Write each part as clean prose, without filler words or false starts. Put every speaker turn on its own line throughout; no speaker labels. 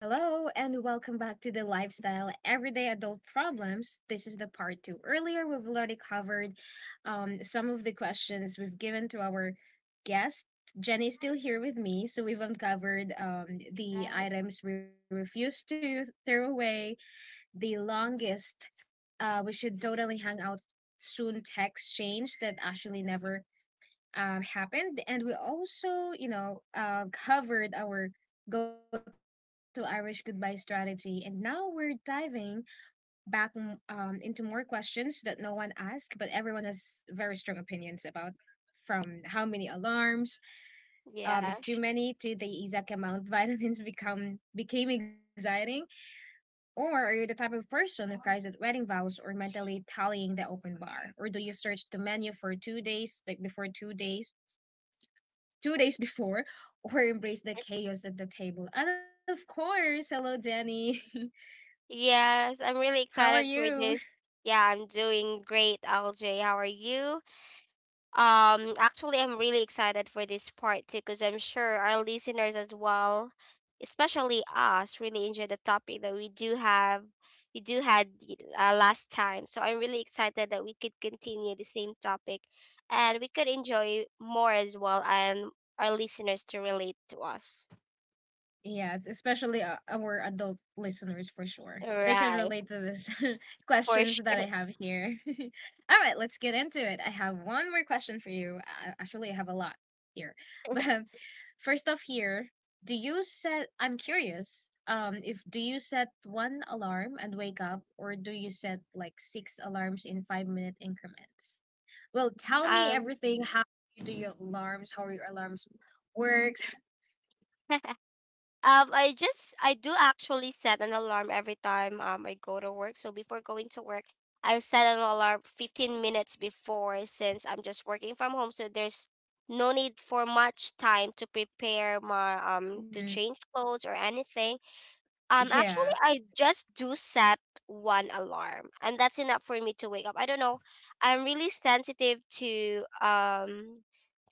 Hello, and welcome back to the Lifestyle Everyday Adult Problems. This is the part two. Earlier, we've already covered some of the questions we've given to our guest. Jenny is still here with me, so we've uncovered the
Yes.
items we refuse to throw away, the longest we should totally hang out soon text change that actually never happened. And we also, covered our go to Irish goodbye strategy. And now we're diving back into more questions that no one asked, but everyone has very strong opinions about. From how many alarms is too
Yes.
many to the exact amount vitamins become became exciting, or are you the type of person who cries at wedding vows or mentally tallying the open bar, or do you search the menu for 2 days before or embrace the chaos at the table. And of course, hello, Jenny.
Yes. I'm really
How are
excited for
you?
this. Yeah, I'm doing great, LJ. How are you? Actually, I'm really excited for this part too, because I'm sure our listeners as well, especially us, really enjoy the topic that we do had last time. So I'm really excited that we could continue the same topic, and we could enjoy more as well, and our listeners to relate to us.
Yes, especially our adult listeners for sure. They can
Right,
relate to these
for
questions that I
sure.
have here. All right, let's get into it. I have one more question for you. Actually, I have a lot here. But first off, here, do you set, I'm curious. If do you set one alarm and wake up, or do you set like six alarms in 5 minute increments? Well, tell me
Um,
everything. How you do your alarms? How your alarms works?
I just I do actually set an alarm every time I go to work. So before going to work, I set an alarm 15 minutes before since I'm just working from home. So there's no need for much time to prepare my to
Mhm.
change clothes or anything.
Yeah.
Actually, I just do set one alarm, and that's enough for me to wake up. I don't know. I'm really sensitive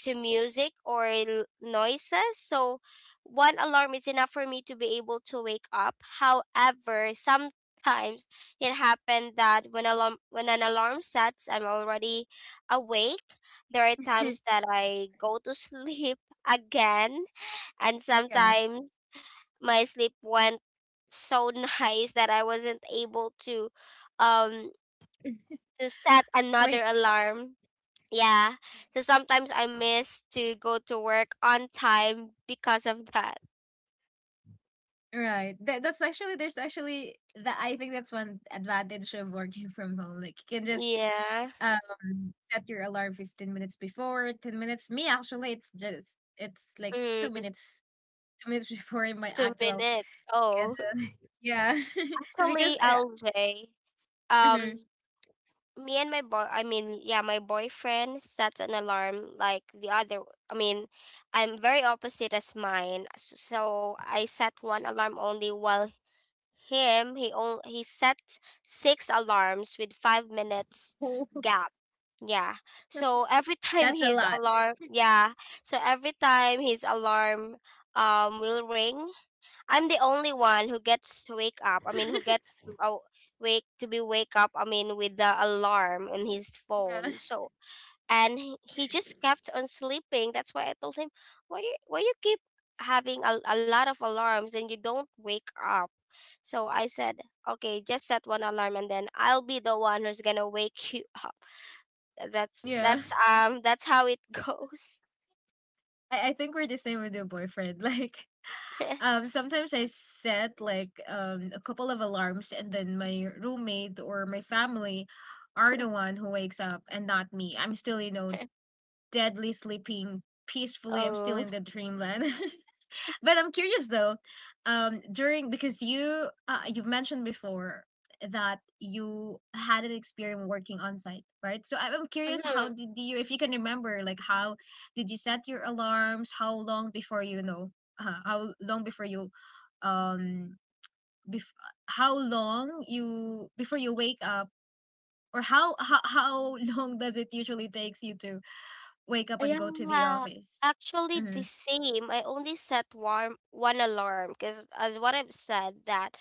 to music or noises, so one alarm is enough for me to be able to wake up. However, sometimes it happened that when an alarm sets, I'm already awake. There are times that I go to sleep again, and
Yeah.
sometimes my sleep went so nice that I wasn't able um to set
Like,
another alarm. Yeah. So sometimes I miss to go to work on time because of that.
right. That's actually, there's actually, that I think that's one advantage of working from home. Like, you can just
Yeah.
set your alarm 15 minutes before, 10 minutes. Me, actually, it's just, it's like two
Mm,
minutes, two minutes before my
two
actual
minutes. Oh.
schedule. Yeah. Because,
Actually, LJ,
mhm.
um me and my boy I mean, yeah, my boyfriend sets an alarm like the other I mean, I'm very opposite as mine. So I set one alarm only while him, he set six alarms with 5 minutes gap. Yeah. So every time
That's a
his
lot.
alarm, yeah. So every time his alarm will ring, I'm the only one who gets to wake up. I mean, who gets to aw- wake to be wake up. I mean, with the alarm in his
Yeah.
phone. So and he just kept on sleeping. That's why I told him, why you keep having a lot of alarms and you don't wake up, so I said, okay, just set one alarm and then I'll be the one who's gonna wake you up. That's
Yeah.
that's um that's how it goes.
I think we're the same with your boyfriend. Like, sometimes I set like a couple of alarms, and then my roommate or my family are the one who wakes up, and not me. I'm still, deadly sleeping peacefully. I'm still
Oh.
in the dreamland. But I'm curious though, during because you you've mentioned before that you had an experience working on site, right? So I'm curious,
Hmm.
how did you, if you can remember, like how did you set your alarms? How long before you know? Uh, how long before you, um, bef- how long you before you wake up, or how long does it usually takes you to wake up and go to the
Yeah.
office?
Actually
Mm-hmm.
the same. I only set warm one alarm because as what I've said that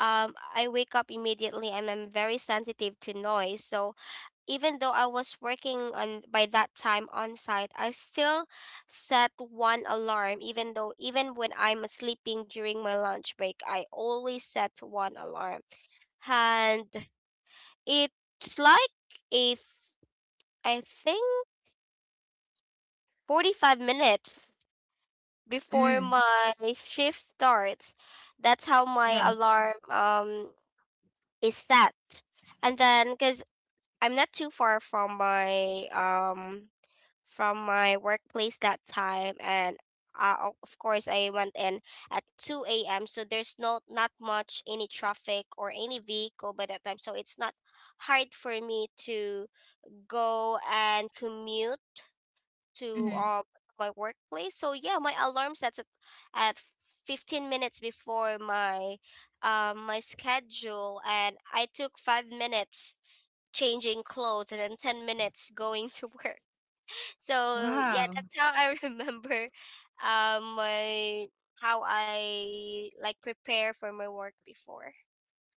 I wake up immediately and I'm very sensitive to noise. So even though I was working on by that time on site, I still set one alarm, even though even when I'm sleeping during my lunch break, I always set one alarm. And it's like, if I think, 45 minutes
Mm,
before my shift starts. That's how
yeah.
my alarm is set. And then, cuz I'm not too far from my workplace that time, and of course I went in at 2 a.m., so there's not much any traffic or any vehicle by that time, so it's not hard for me to go and commute to
Mm-hmm.
my workplace. So yeah, my alarm sets at, at 15 minutes before my schedule, and I took 5 minutes changing clothes and then 10 minutes going to work. So yeah,
Wow.
that's how I remember my how I like prepare for my work before.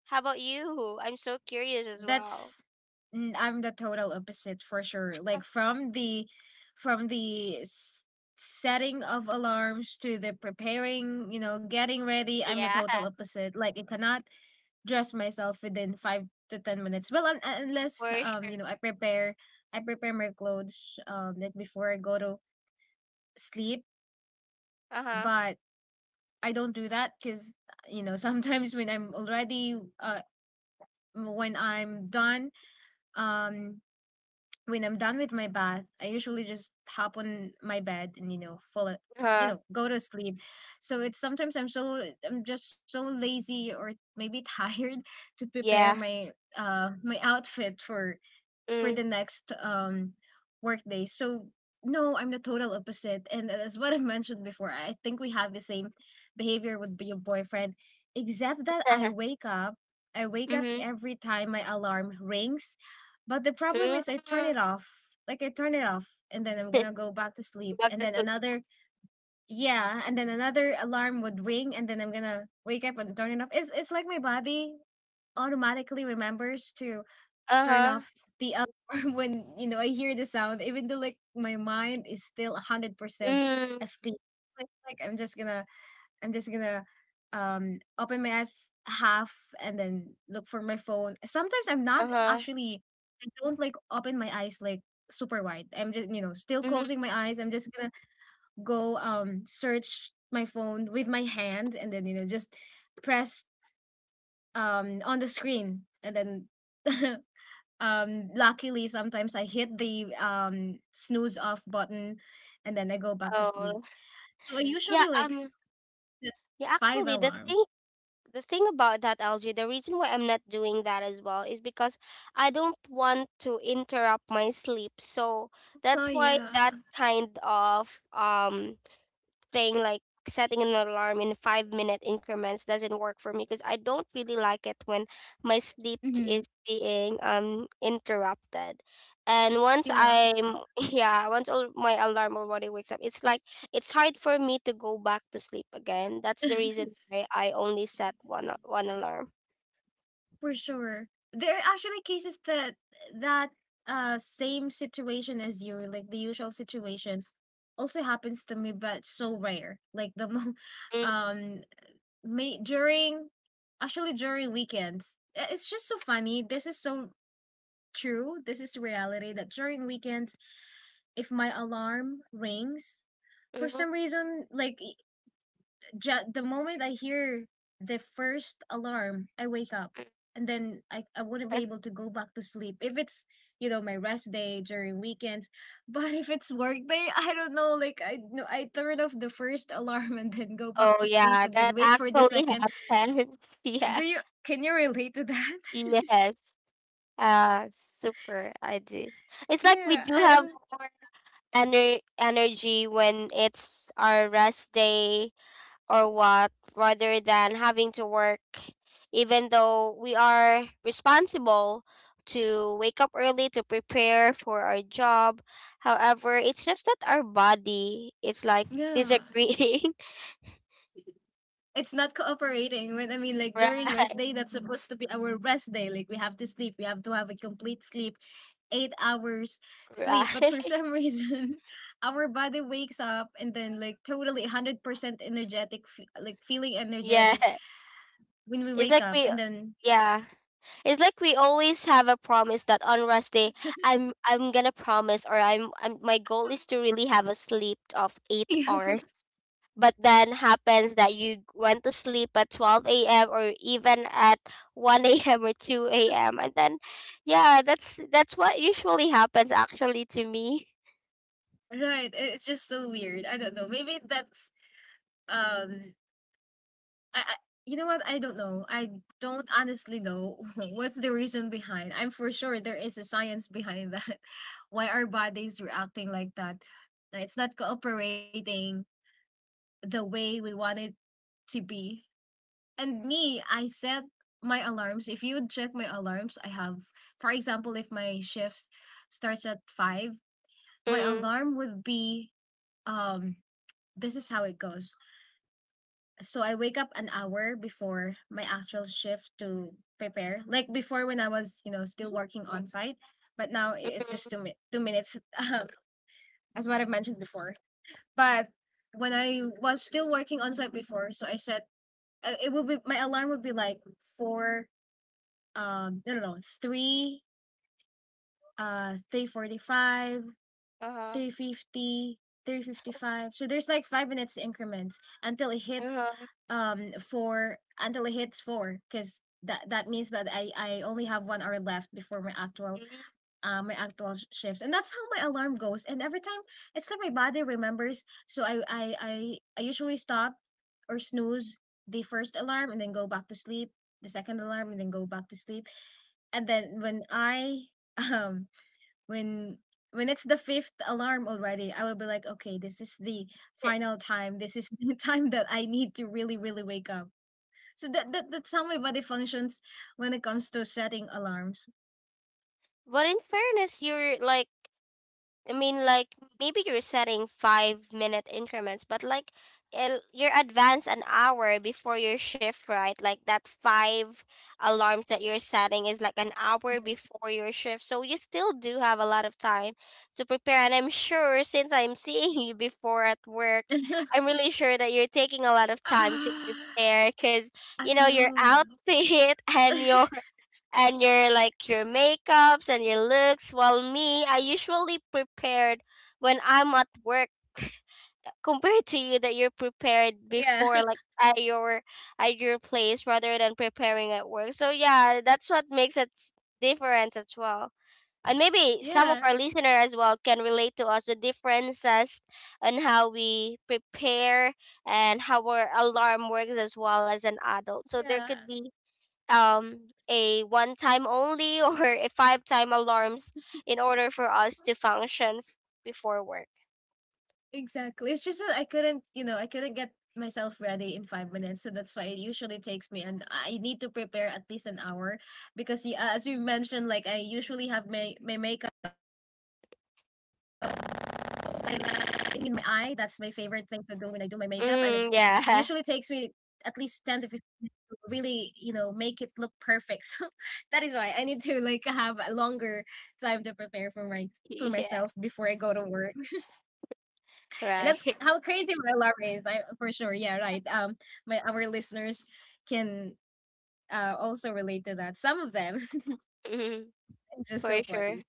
How about you? I'm so curious as well.
that's I'm the total opposite for sure. Like from the from the s- setting of alarms to the preparing, getting ready, I'm the
Yeah,
total opposite. Like I cannot dress myself within 5 to 10 minutes. Well, unless
for sure.
I prepare my clothes like before I go to sleep,
Uh-huh.
but I don't do that cuz sometimes when I'm done, um when I'm done with my bath, I usually just hop on my bed and
Uh-huh.
go to sleep. So it's sometimes I'm so I'm just so lazy or maybe tired to prepare
Yeah.
my my outfit for
Mm.
the next workday. So no, I'm the total opposite. And as what I mentioned before, I think we have the same behavior with your boyfriend, except that I wake up. I wake up
Mm-hmm.
every time my alarm rings. But the problem
Mm.
is I turn it off. Like I turn it off and then I'm gonna go back to sleep.
Back
And
to
then
sleep.
another yeah, and then another alarm would ring and then I'm gonna wake up and turn it off. It's like my body automatically remembers to turn
Uh-huh.
off the alarm when I hear the sound, even though like my mind is still 100%
Mm.
asleep. So I'm just gonna open my eyes half and then look for my phone. Sometimes I'm not
Uh-huh.
actually I don't like open my eyes like super wide. I'm just still
Mm-hmm.
closing my eyes. I'm just gonna go search my phone with my hand and then just press on the screen and then Luckily, sometimes I hit the snooze off button and then I go back to sleep.
Oh.
So I
Yeah,
usually like set
yeah,
five
actually the
alarms.
thing about that LG, the reason why I'm not doing that as well is because I don't want to interrupt my sleep. So
Oh
that's why that
yeah.
kind of thing, like setting an alarm in 5 minute increments, doesn't work for me because I don't really like it when my sleep
Hmm.
is being interrupted. And once
Yeah,
I'm yeah, once all my alarm already wakes up, it's like it's hard for me to go back to sleep again. That's the reason why I only set one alarm.
for sure. There are actually cases that that same situation as you, like the usual situation, also happens to me, but it's so rare. Like
Mm,
um may during actually during weekends. It's just so funny. This is so True, this is the reality that during weekends, if my alarm rings,
mm,
for
mm.
some reason, the moment I hear the first alarm, I wake up. And then I wouldn't be able to go back to sleep if it's, my rest day during weekends. But if it's work day, I don't know. Like I no, I turn off the first alarm and then go back
Oh
to sleep
yeah,
and
that
then wait for the
actually
second.
happens. Yeah.
Do you Can you relate to that?
Yes. Super. I do. It's like
Yeah,
we
I
do have
am.
more energy when it's our rest day, or what, rather than having to work, even though we are responsible to wake up early to prepare for our job. However, it's just that our body is like
Yeah,
disagreeing.
it's not cooperating when I mean like during rest
Right,
day that's supposed to be our rest day, like we have to have a complete sleep 8 hours sleep, but
right.
for some reason our body wakes up and then like totally 100% energetic, like feeling energetic
Yeah.
when we
It's
wake
like
up
we,
and then
yeah. It's like we always have a promise that on rest day, I'm gonna promise, or I'm my goal is to really have a sleep of eight
yeah,
hours. But then happens that you went to sleep at 12 a.m. or even at one a.m. or 2 a.m., and then, yeah, that's what usually happens actually to me.
right, it's just so weird. I don't know, maybe that's um I you know what? I don't know. I don't honestly know what's the reason behind. I'm for sure there is a science behind that. Why our bodies reacting like that? It's not cooperating the way we want it to be. And me, I set my alarms. If you would check my alarms, I have, for example, if my shift starts at 5, my
Mm,
alarm would be um. This is how it goes. So I wake up an hour before my actual shift to prepare. Like before when I was, still working on site, but now it's
mm,
just 2 minutes, as what I've mentioned before. But when I was still working on site before, so I said it would be my alarm would be like four, no, no, no, three, 3:45,
uh huh,
3:50, 3:55. So there's like 5 minutes increments
uh huh.
until it hits four, because that means that I only have 1 hour left before my actual shifts, and that's how my alarm goes. And every time it's like my body remembers, so I usually stop or snooze the first alarm and then go back to sleep, the second alarm and then go back to sleep, and then when I um when when it's the fifth alarm already, I will be like, okay, this is the final time, this is the time that I need to really wake up. So that's how my body functions when it comes to setting alarms.
But in fairness, you're like, I mean, like maybe you're setting 5 minute increments, but you're advanced an hour before your shift, right? Like that five alarms that you're setting is like an hour before your shift. So you still do have a lot of time to prepare. And I'm sure, since I'm seeing you before at work,
I
I'm really sure that you're taking a lot of time to prepare because, your
know.
outfit and your like your makeups and your looks, while me, I usually prepared when I'm at work, compared to you that you're prepared
Yeah,
before, like at your place rather than preparing at work. So yeah, that's what makes it different as well. And maybe some of
yeah,
our listener as well can relate to us the differences on how we prepare and how our alarm works as well as an adult, so there
yeah,
could be um a one time only or a five time alarms in order for us to function before work.
exactly, it's just that I couldn't get myself ready in 5 minutes, so that's why it usually takes me, and I need to prepare at least an hour, because as you mentioned, like I usually have my makeup like in my eye. That's my favorite thing to do when I do my makeup, and it's usually takes me
Mm,
at
yeah.
least 10 to 15 minutes to really, make it look perfect. So that is why I need to like have a longer time to prepare for myself
Yeah.
before I go to work. And that's
Right.
how crazy my alarm is. I for sure, yeah, right. My our listeners can also relate to that. Some of them.
Mm,
It's just
for
so
sure.
funny.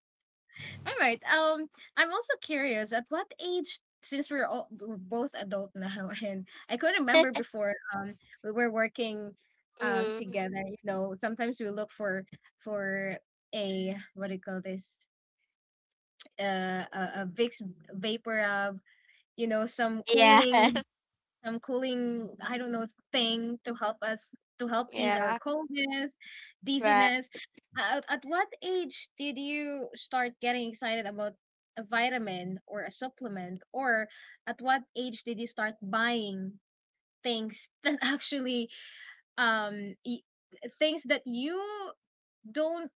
All right. I'm also curious at what age, since we're both adult now, and I couldn't remember before. We were working,
Mm,
together. Sometimes we look for for a, what do you call this? A Vicks vapor rub. Some
yeah.
cooling, I don't know, thing to help us to help ease our
Yeah.
coldness,
Right.
dizziness. At what age did you start getting excited about a vitamin or a supplement, or at what age did you start buying things that actually um y- things that you don't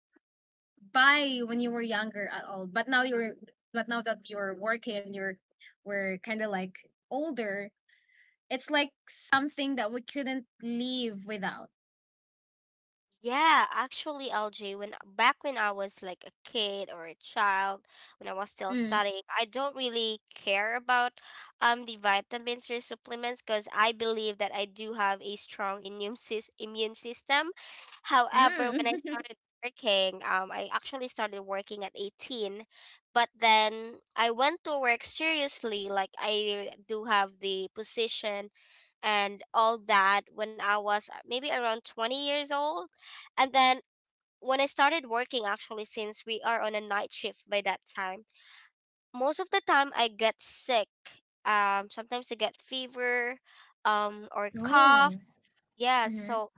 buy when you were younger at all, but now you're but now that you're working, and you're we're kind of like older, it's like something that we couldn't live without.
Yeah, actually, LJ, when back when I was like a kid or a child, when I was still
Mm.
studying, I don't really care about the vitamins or supplements because I believe that I do have a strong immune system. However, when
Mm.
I started working, I actually started working at 18, but then I went to work seriously. Like I do have the position and all that when I was maybe around 20 years old. And then when I started working, actually, since we are on a night shift by that time, most of the time I get sick. Sometimes I get fever or cough.
Oh.
Yeah,
Mm-hmm.
so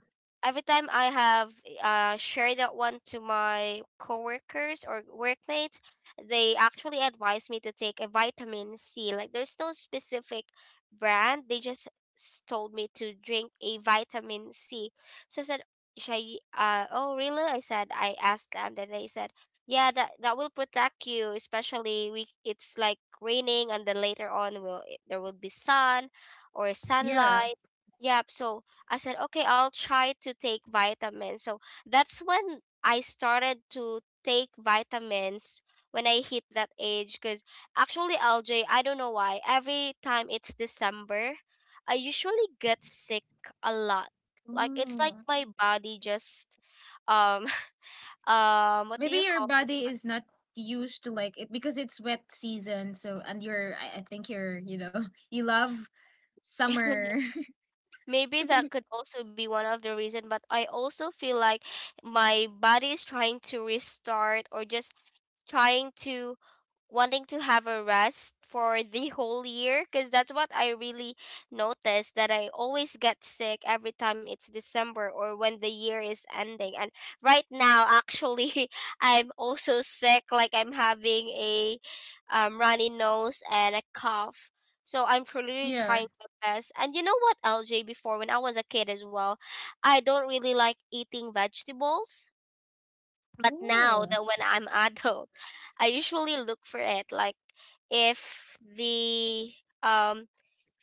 every time I have shared that one to my coworkers or workmates, they actually advise me to take a vitamin C. Like there's no specific brand. They just told me to drink a vitamin C. So I said, should I, oh really? I said, I asked them, that they said, yeah, that will protect you, especially we, it's like raining and then later on there will be sun or
Yeah.
sunlight. Yep. So I said, okay, I'll try to take vitamins. So that's when I started to take vitamins when I hit that age. Because actually, LJ, I don't know why. Every time it's December, I usually get sick a lot. Like it's like
Oh.
my body just um what do
Maybe
you
your
call
body
this?
is not used to like it because it's wet season. So and you're, I think you're, you know, you love
One?
summer.
Maybe that could also be one of the reason, but I also feel like my body is trying to restart, or just trying to wanting to have a rest for the whole year, because that's what I really noticed, that I always get sick every time it's December or when the year is ending. And right now, actually, I'm also sick. Like I'm having a runny nose and a cough, so I'm really
Yeah.
trying my best. And you know what, LJ, before when I was a kid as well, I don't really like eating vegetables, but now
Oh.
that when I'm adult, I usually look for it. Like if um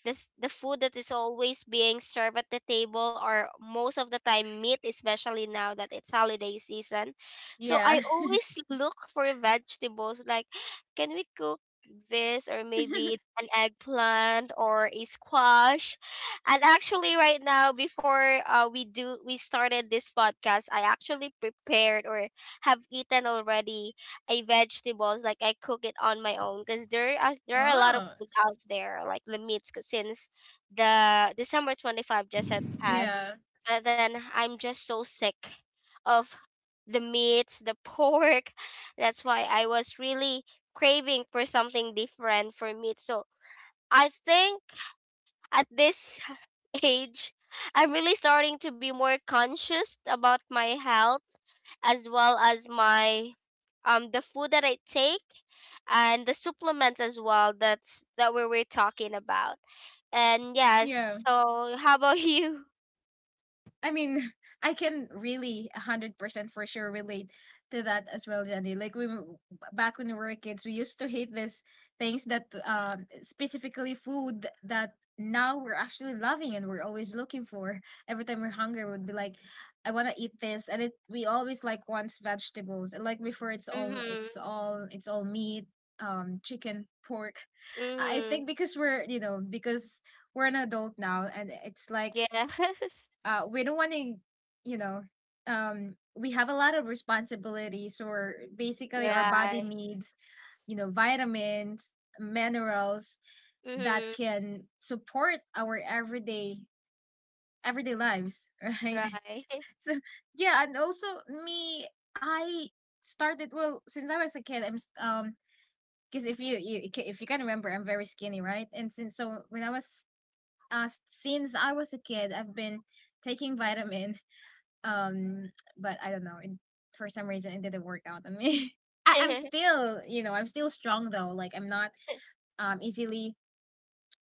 the food that is always being served at the table, or most of the time meat, especially now that it's holiday season, so
Yeah.
I always look for vegetables, like, can we cook this, or maybe an eggplant or a squash. And actually right now, before we started this podcast, I actually prepared, or have eaten already, I vegetables. Like I cook it on my own, because there are a lot of
Oh.
foods out there, like the meats, 'cause since the December 25 just had passed,
Yeah.
but then I'm just so sick of the meats, the pork. That's why I was really craving for something different for meat. So I think at this age, I'm really starting to be more conscious about my health as well as my the food that I take and the supplements as well that we were talking about. And yes,
Yeah.
so how about you?
I mean, I can really 100% for sure relate to that as well, Jenny. Back when we were kids, we used to hate these things that specifically food that now we're actually loving and we're always looking for. Every time we're hungry, we'd be like, I want to eat this. And it we always like wants vegetables. And like before
Mhm.
it's all meat, chicken, pork. I think
Mhm.
because we're, you know, because we're an adult now, and it's like
Yes.
we don't want to, you know, we have a lot of responsibilities, or basically, our body
Right.
needs, you know, vitamins, minerals that
Mhm.
can support our everyday lives, right?
Right.
So yeah, and also me, I started, well, since I was a kid. Because if you if you can remember, I'm very skinny, right? And since, so when I was since I was a kid, I've been taking vitamin, um, but I don't know. For some reason, it didn't work out on me. I'm still, you know, I'm still strong though. Like I'm not easily.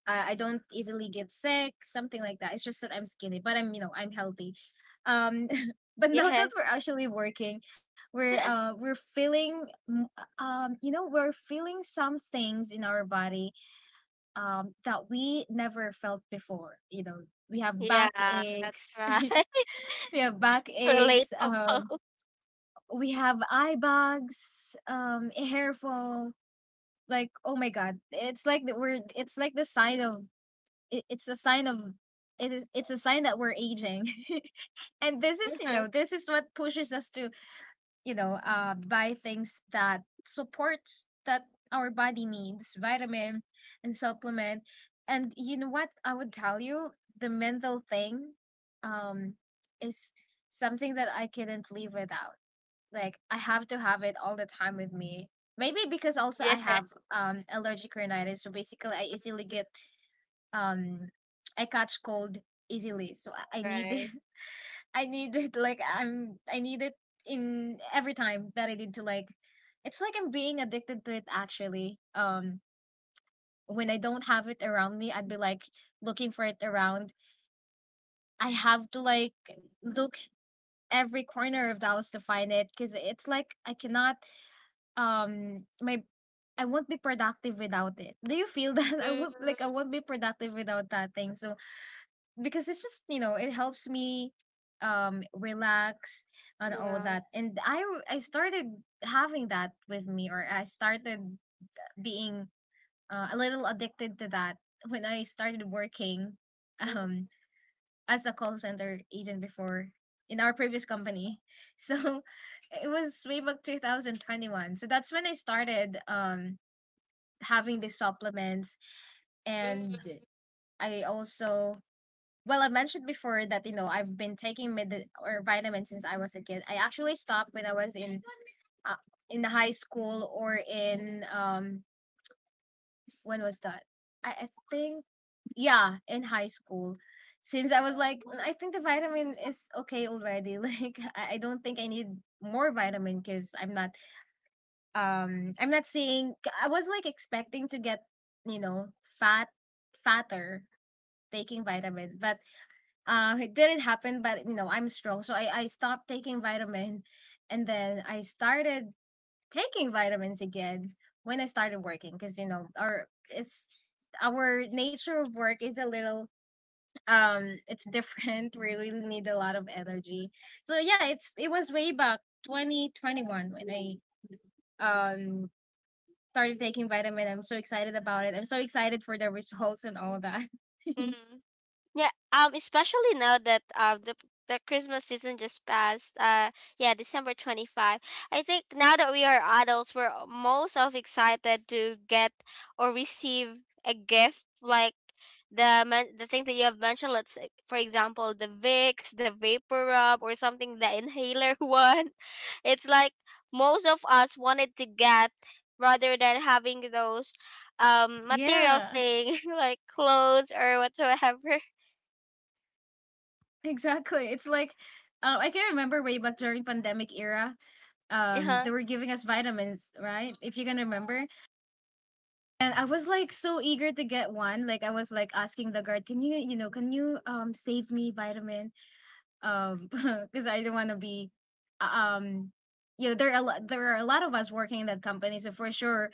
I don't easily get sick, something like that. It's just that I'm skinny, but I'm, you know, I'm healthy. Um, but now
Yes.
that we're actually working, we're feeling you know, we're feeling some things in our body that we never felt before. You know, we have
Yeah,
backaches,
that's right.
we have backaches.
Relatable.
We have eye bags, hair fall. Like, oh my god, it's like that we're. It's like the sign of. It, it's a sign of. It is. It's a sign that we're aging, and this is, you know, this is what pushes us to, you know, buy things that supports that our body needs vitamin and supplement. And you know what I would tell you, the mental thing um is something that I couldn't live without. Like I have to have it all the time with me. Maybe because also
Yeah.
I have allergic rhinitis, so basically I easily get um I catch cold easily.
Right.
I need it, like I need it in every time that I need to, like it's like I'm being addicted to it actually. When I don't have it around me, I'd be like looking for it around. I have to like look every corner of the house to find it, because it's like I cannot my I won't be productive without it. Do you feel that?
Mm,
I won't be productive without that thing. So because it's just, you know, it helps me relax and all
yeah.
that. And I started having that with me, or I started being a little addicted to that when I started working um as a call center agent before in our previous company. So it was way back 2021. So that's when I started having these supplements.
Mm, mm,
And I also, well, I mentioned before that, you know, I've been taking mid or vitamins since I was a kid. I actually stopped when I was uh, in high school or in when was that? I think, yeah, in high school. Since I was like, "Mm, I think the vitamin is okay already." Like I don't think I need more vitamin because I'm not saying I was like expecting to get, you know, fat fatter taking vitamin, but it didn't happen, but you know, I'm strong. So I stopped taking vitamin, and then I started taking vitamins again when I started working because, you know, our it's our nature of work is a little it's different. We really need a lot of energy. So yeah, it was way back 2021 when I started taking vitamin. I'm so excited about it. I'm so excited for the results and all that.
mm. Yeah, especially now that the Christmas season just passed. Yeah, December 25. I think now that we are adults, we're most of excited to get or receive a gift like the thing that you have mentioned. Let's say, for example, the Vicks, the Vapor Rub, or something the inhaler one. It's like most of us wanted to get rather than having those material
Yeah.
thing like clothes or whatsoever.
Exactly. It's like I can remember way back during pandemic era,
Yeah.
they were giving us vitamins, right? If you can remember. And I was like so eager to get one. Like I was like asking the guard, can you, you know, can you save me vitamin? um because I don't want to be uh, um you know, there are a lot, of us working in that company, so for sure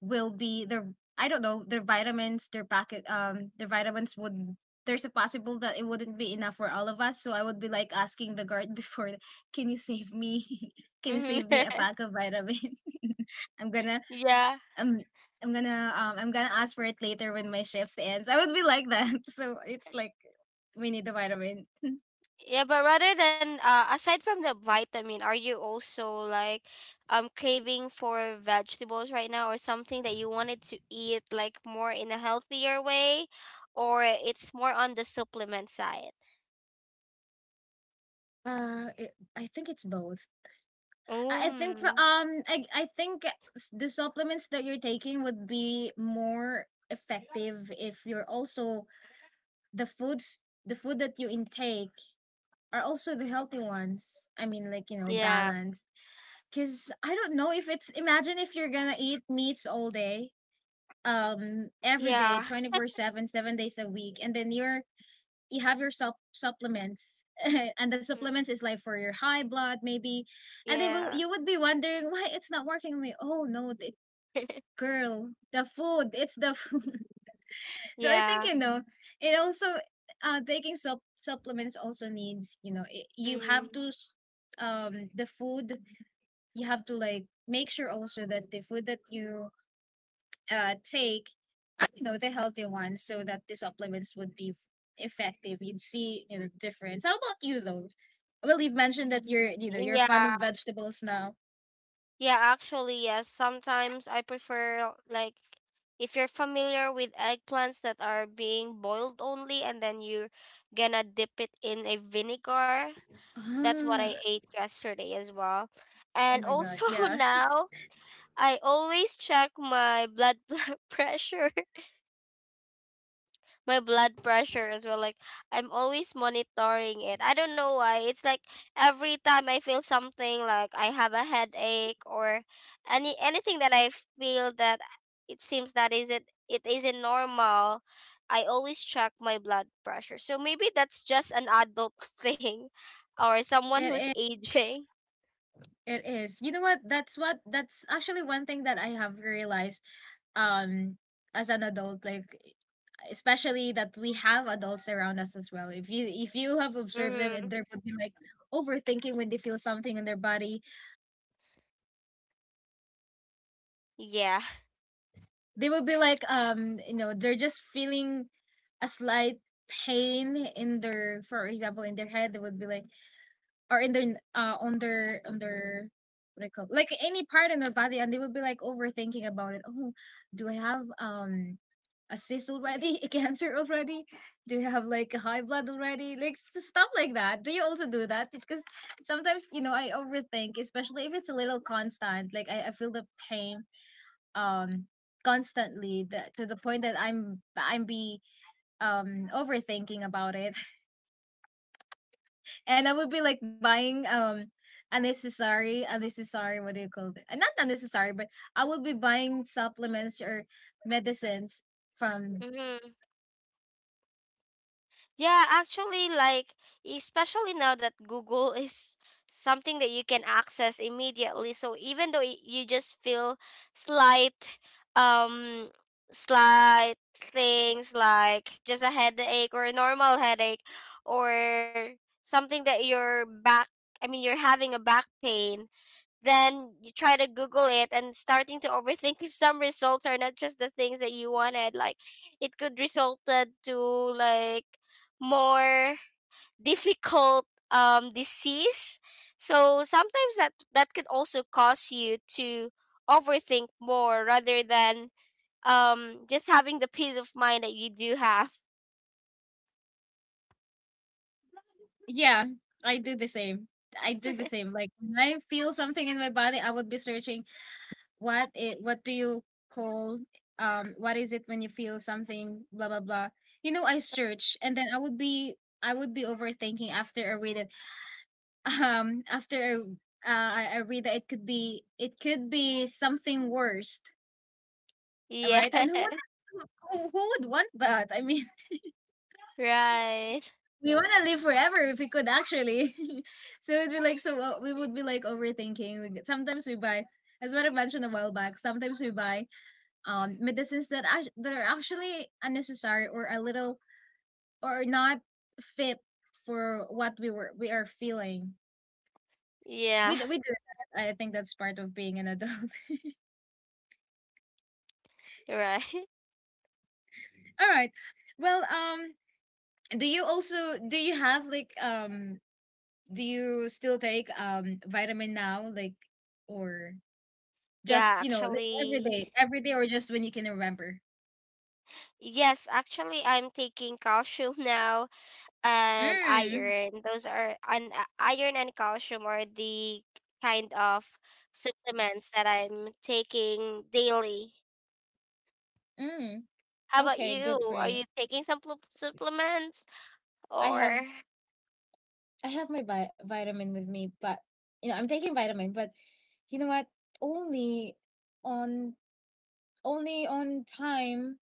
will be their, I don't know, their vitamins, their packet, their vitamins would, there's a possible that it wouldn't be enough for all of us, so I would be like asking the guard before, can you save me, can you
Hmm.
save me a pack of vitamin? I'm gonna
Yeah.
um I'm gonna ask for it later when my shift ends. I would be like that. So it's like we need the vitamin.
Yeah, but rather than aside from the vitamin, are you also like craving for vegetables right now or something that you wanted to eat like more in a healthier way, or it's more on the supplement side?
It, I think it's both. I think for
Mm.
I think the supplements that you're taking would be more effective if you're also the foods the food that you intake are also the healthy ones. I mean, like, you know,
Yeah.
balance. Cause I don't know if it's, imagine if you're gonna eat meats all day, every day,
Yeah.
24/7, 7 days a week, and then you have your supplements and the
Mm,
supplements is like for your high blood maybe, and they will,
yeah.
you would be wondering why it's not working on me. Oh no, the girl, the food it's the food. So I think,
Yeah.
you know, it also, taking supplements also needs, you know, it, you have
Mm.
to s- the food, you have to like make sure also that the food that you take, you know, the healthy ones, so that the supplements would be effective. You'd see, you know, difference. How about you, though? Well, you've mentioned that you're, you know, you're a fan of
Yeah.
vegetables now.
Yeah, actually, yes. Sometimes I prefer like, if you're familiar with eggplants that are being boiled only and then you're gonna dip it in a vinegar, that's what
Ah.
I ate yesterday as well.
Oh
And
my god,
also
yeah.
now I always check my blood pressure, my blood pressure as well. Like I'm always monitoring it. I don't know why. It's like every time I feel something, like I have a headache or anything that I feel that it seems that isn't it isn't normal. I always check my blood pressure. So maybe that's just an adult thing, or someone who's
It is,
aging.
it is. You know what, that's what, that's actually one thing that I have realized um as an adult. Like especially that we have adults around us as well. If you if you have observed them, and
Mm-hmm.
there would be like overthinking when they feel something in their body,
Yeah.
they will be like you know, they're just feeling a slight pain in their, for example, in their head, they would be like, or in their n- on their on their, what do you call, like any part in their body, and they would be like overthinking about it. Oh, do I have a cyst already, a cancer already? Do you have like a high blood already, like stuff like that? Do you also do that? Because sometimes, you know, I overthink, especially if it's a little constant, like I feel the pain um constantly, that to the point that I'm be overthinking about it. And I would be like buying unnecessary, what do you call it? Not unnecessary, but I would be buying supplements or medicines from.
Mm-hmm. Yeah, actually, like, especially now that Google is something that you can access immediately. So even though you just feel slight, um, slight things like just a headache or a normal headache or something that your back, I mean, you're having a back pain, then you try to google it and starting to overthink, 'cause some results are not just the things that you wanted. Like it could resulted to like more difficult disease. So sometimes that that could also cause you to overthink more rather than just having the peace of mind that you do have.
Yeah, I do the same. I do the same. Like when I feel something in my body, I would be searching what do you call what is it when you feel something, blah blah blah. You know, I search, and then I would be, I would be overthinking after I read it. After I read that it could be, something worse,
Yeah.
right? And who would, who, who would want that? I mean,
Right.
we want to live forever if we could actually. So it'd be like, so we would be like overthinking. We- sometimes we buy, as what I mentioned a while back, sometimes we buy medicines that that are actually unnecessary, or a little or not fit for what we are feeling.
Yeah.
We do that. I think that's part of being an adult.
Right.
All right. Well, do you also, do you have like do you still take vitamin now like, or just,
Yeah,
you know, like every day,
actually.
or just when you can remember?
Yes, actually, I'm taking calcium now and
Mm.
iron. Those are, and iron and calcium are the kind of supplements that I'm taking daily.
Mm.
How about
Okay, good for
you? Are
you.
you taking some supplements
I have,
or?
I have my vitamin with me, but you know, I'm taking vitamin, but you know what, only on, only on time,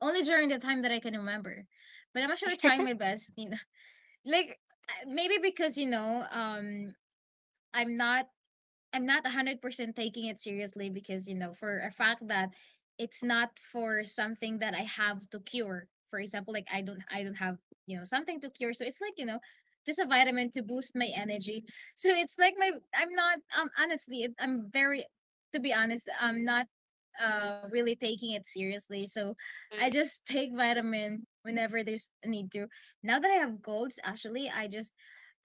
only during the time that I can remember. But I'm actually trying my best, you know. Like maybe because, you know, I'm not, I'm not 100% taking it seriously because, you know, for a fact that it's not for something that I have to cure. For example, like I don't have, you know, something to cure. So it's like, you know, just a vitamin to boost my energy. So it's like my, I'm not, honestly, I'm very, to be honest, I'm not really taking it seriously. So I
Mm,
just take vitamin whenever there's a need to. Now that I have colds, actually,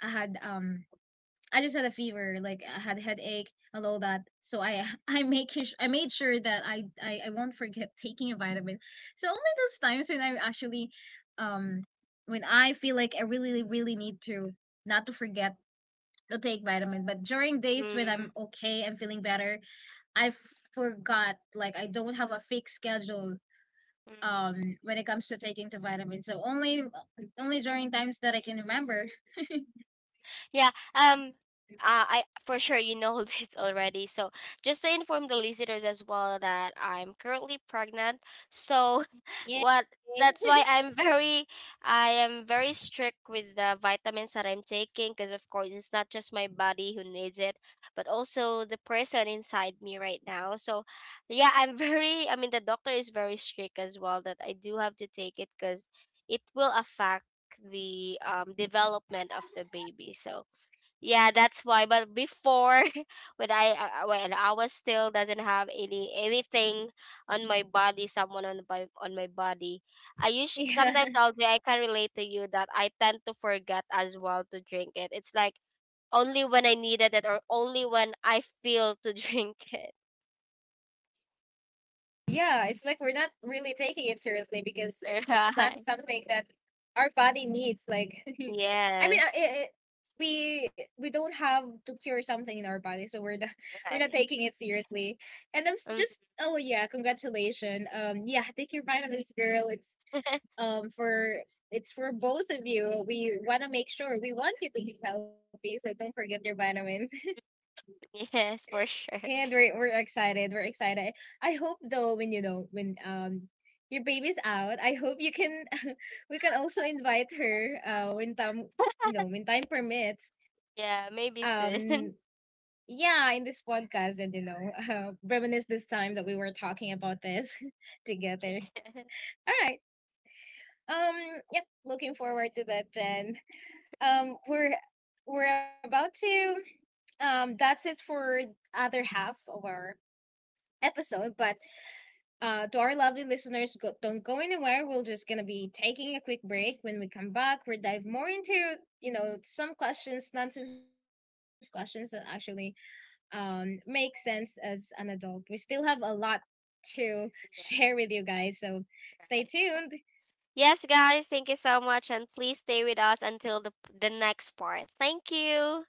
I had I just had a fever, like I had a headache and all that. So I I made sure that I won't forget taking a vitamin. So only those times when I actually, um, when I feel like I really really need to not to forget to take vitamin. But during days when
mm,
I'm okay, I'm feeling better, I forgot, like I don't have a fixed schedule
mm.
when it comes to taking the vitamin. So only, only during times that I can remember.
Yeah. I for sure you know this already. So just to inform the listeners as well that I'm currently pregnant. So
Yeah.
what that's why I'm very I am very strict with the vitamins that I'm taking, because of course it's not just my body who needs it, but also the person inside me right now. So yeah, I'm very I mean the doctor is very strict as well that I do have to take it because it will affect the development of the baby. So yeah, that's why. But before, when I was still doesn't have any anything on my body, someone on my body, I use
Yeah.
sometimes I can relate to you that I tend to forget as well to drink it. It's like only when I needed it or only when I feel to drink it.
Yeah, it's like we're not really taking it seriously because it's not
Right.
something that our body needs. Like, I mean,
Yes.
it, we, don't have to cure something in our body, so we're not, we're not
Right.
taking it seriously. And just,
Mm.
oh yeah, congratulations. Yeah, take your vitamins, girl. It's for, it's for both of you. We want to make sure, we want you to be healthy, so don't forget your vitamins.
Yes, for sure.
And we're excited. We're excited. I hope though when, you know, when your baby's out, I hope you can we can also invite her when time you know, when time permits.
Yeah, maybe soon.
Um yeah, in this podcast, and you know, reminisce this time that we were talking about this together. All right. Um, yep, looking forward to that, Jen. Um we're we're about to that's it for other half of our episode, but, uh, to our lovely listeners, go, don't go anywhere. We're just gonna be taking a quick break. When we come back, we'll dive more into, you know, some questions, nonsense questions that actually make sense as an adult. We still have a lot to share with you guys, so
Yes.
stay tuned.
Right. Yes, guys, thank you so much. And please stay with us until the next part. Thank you.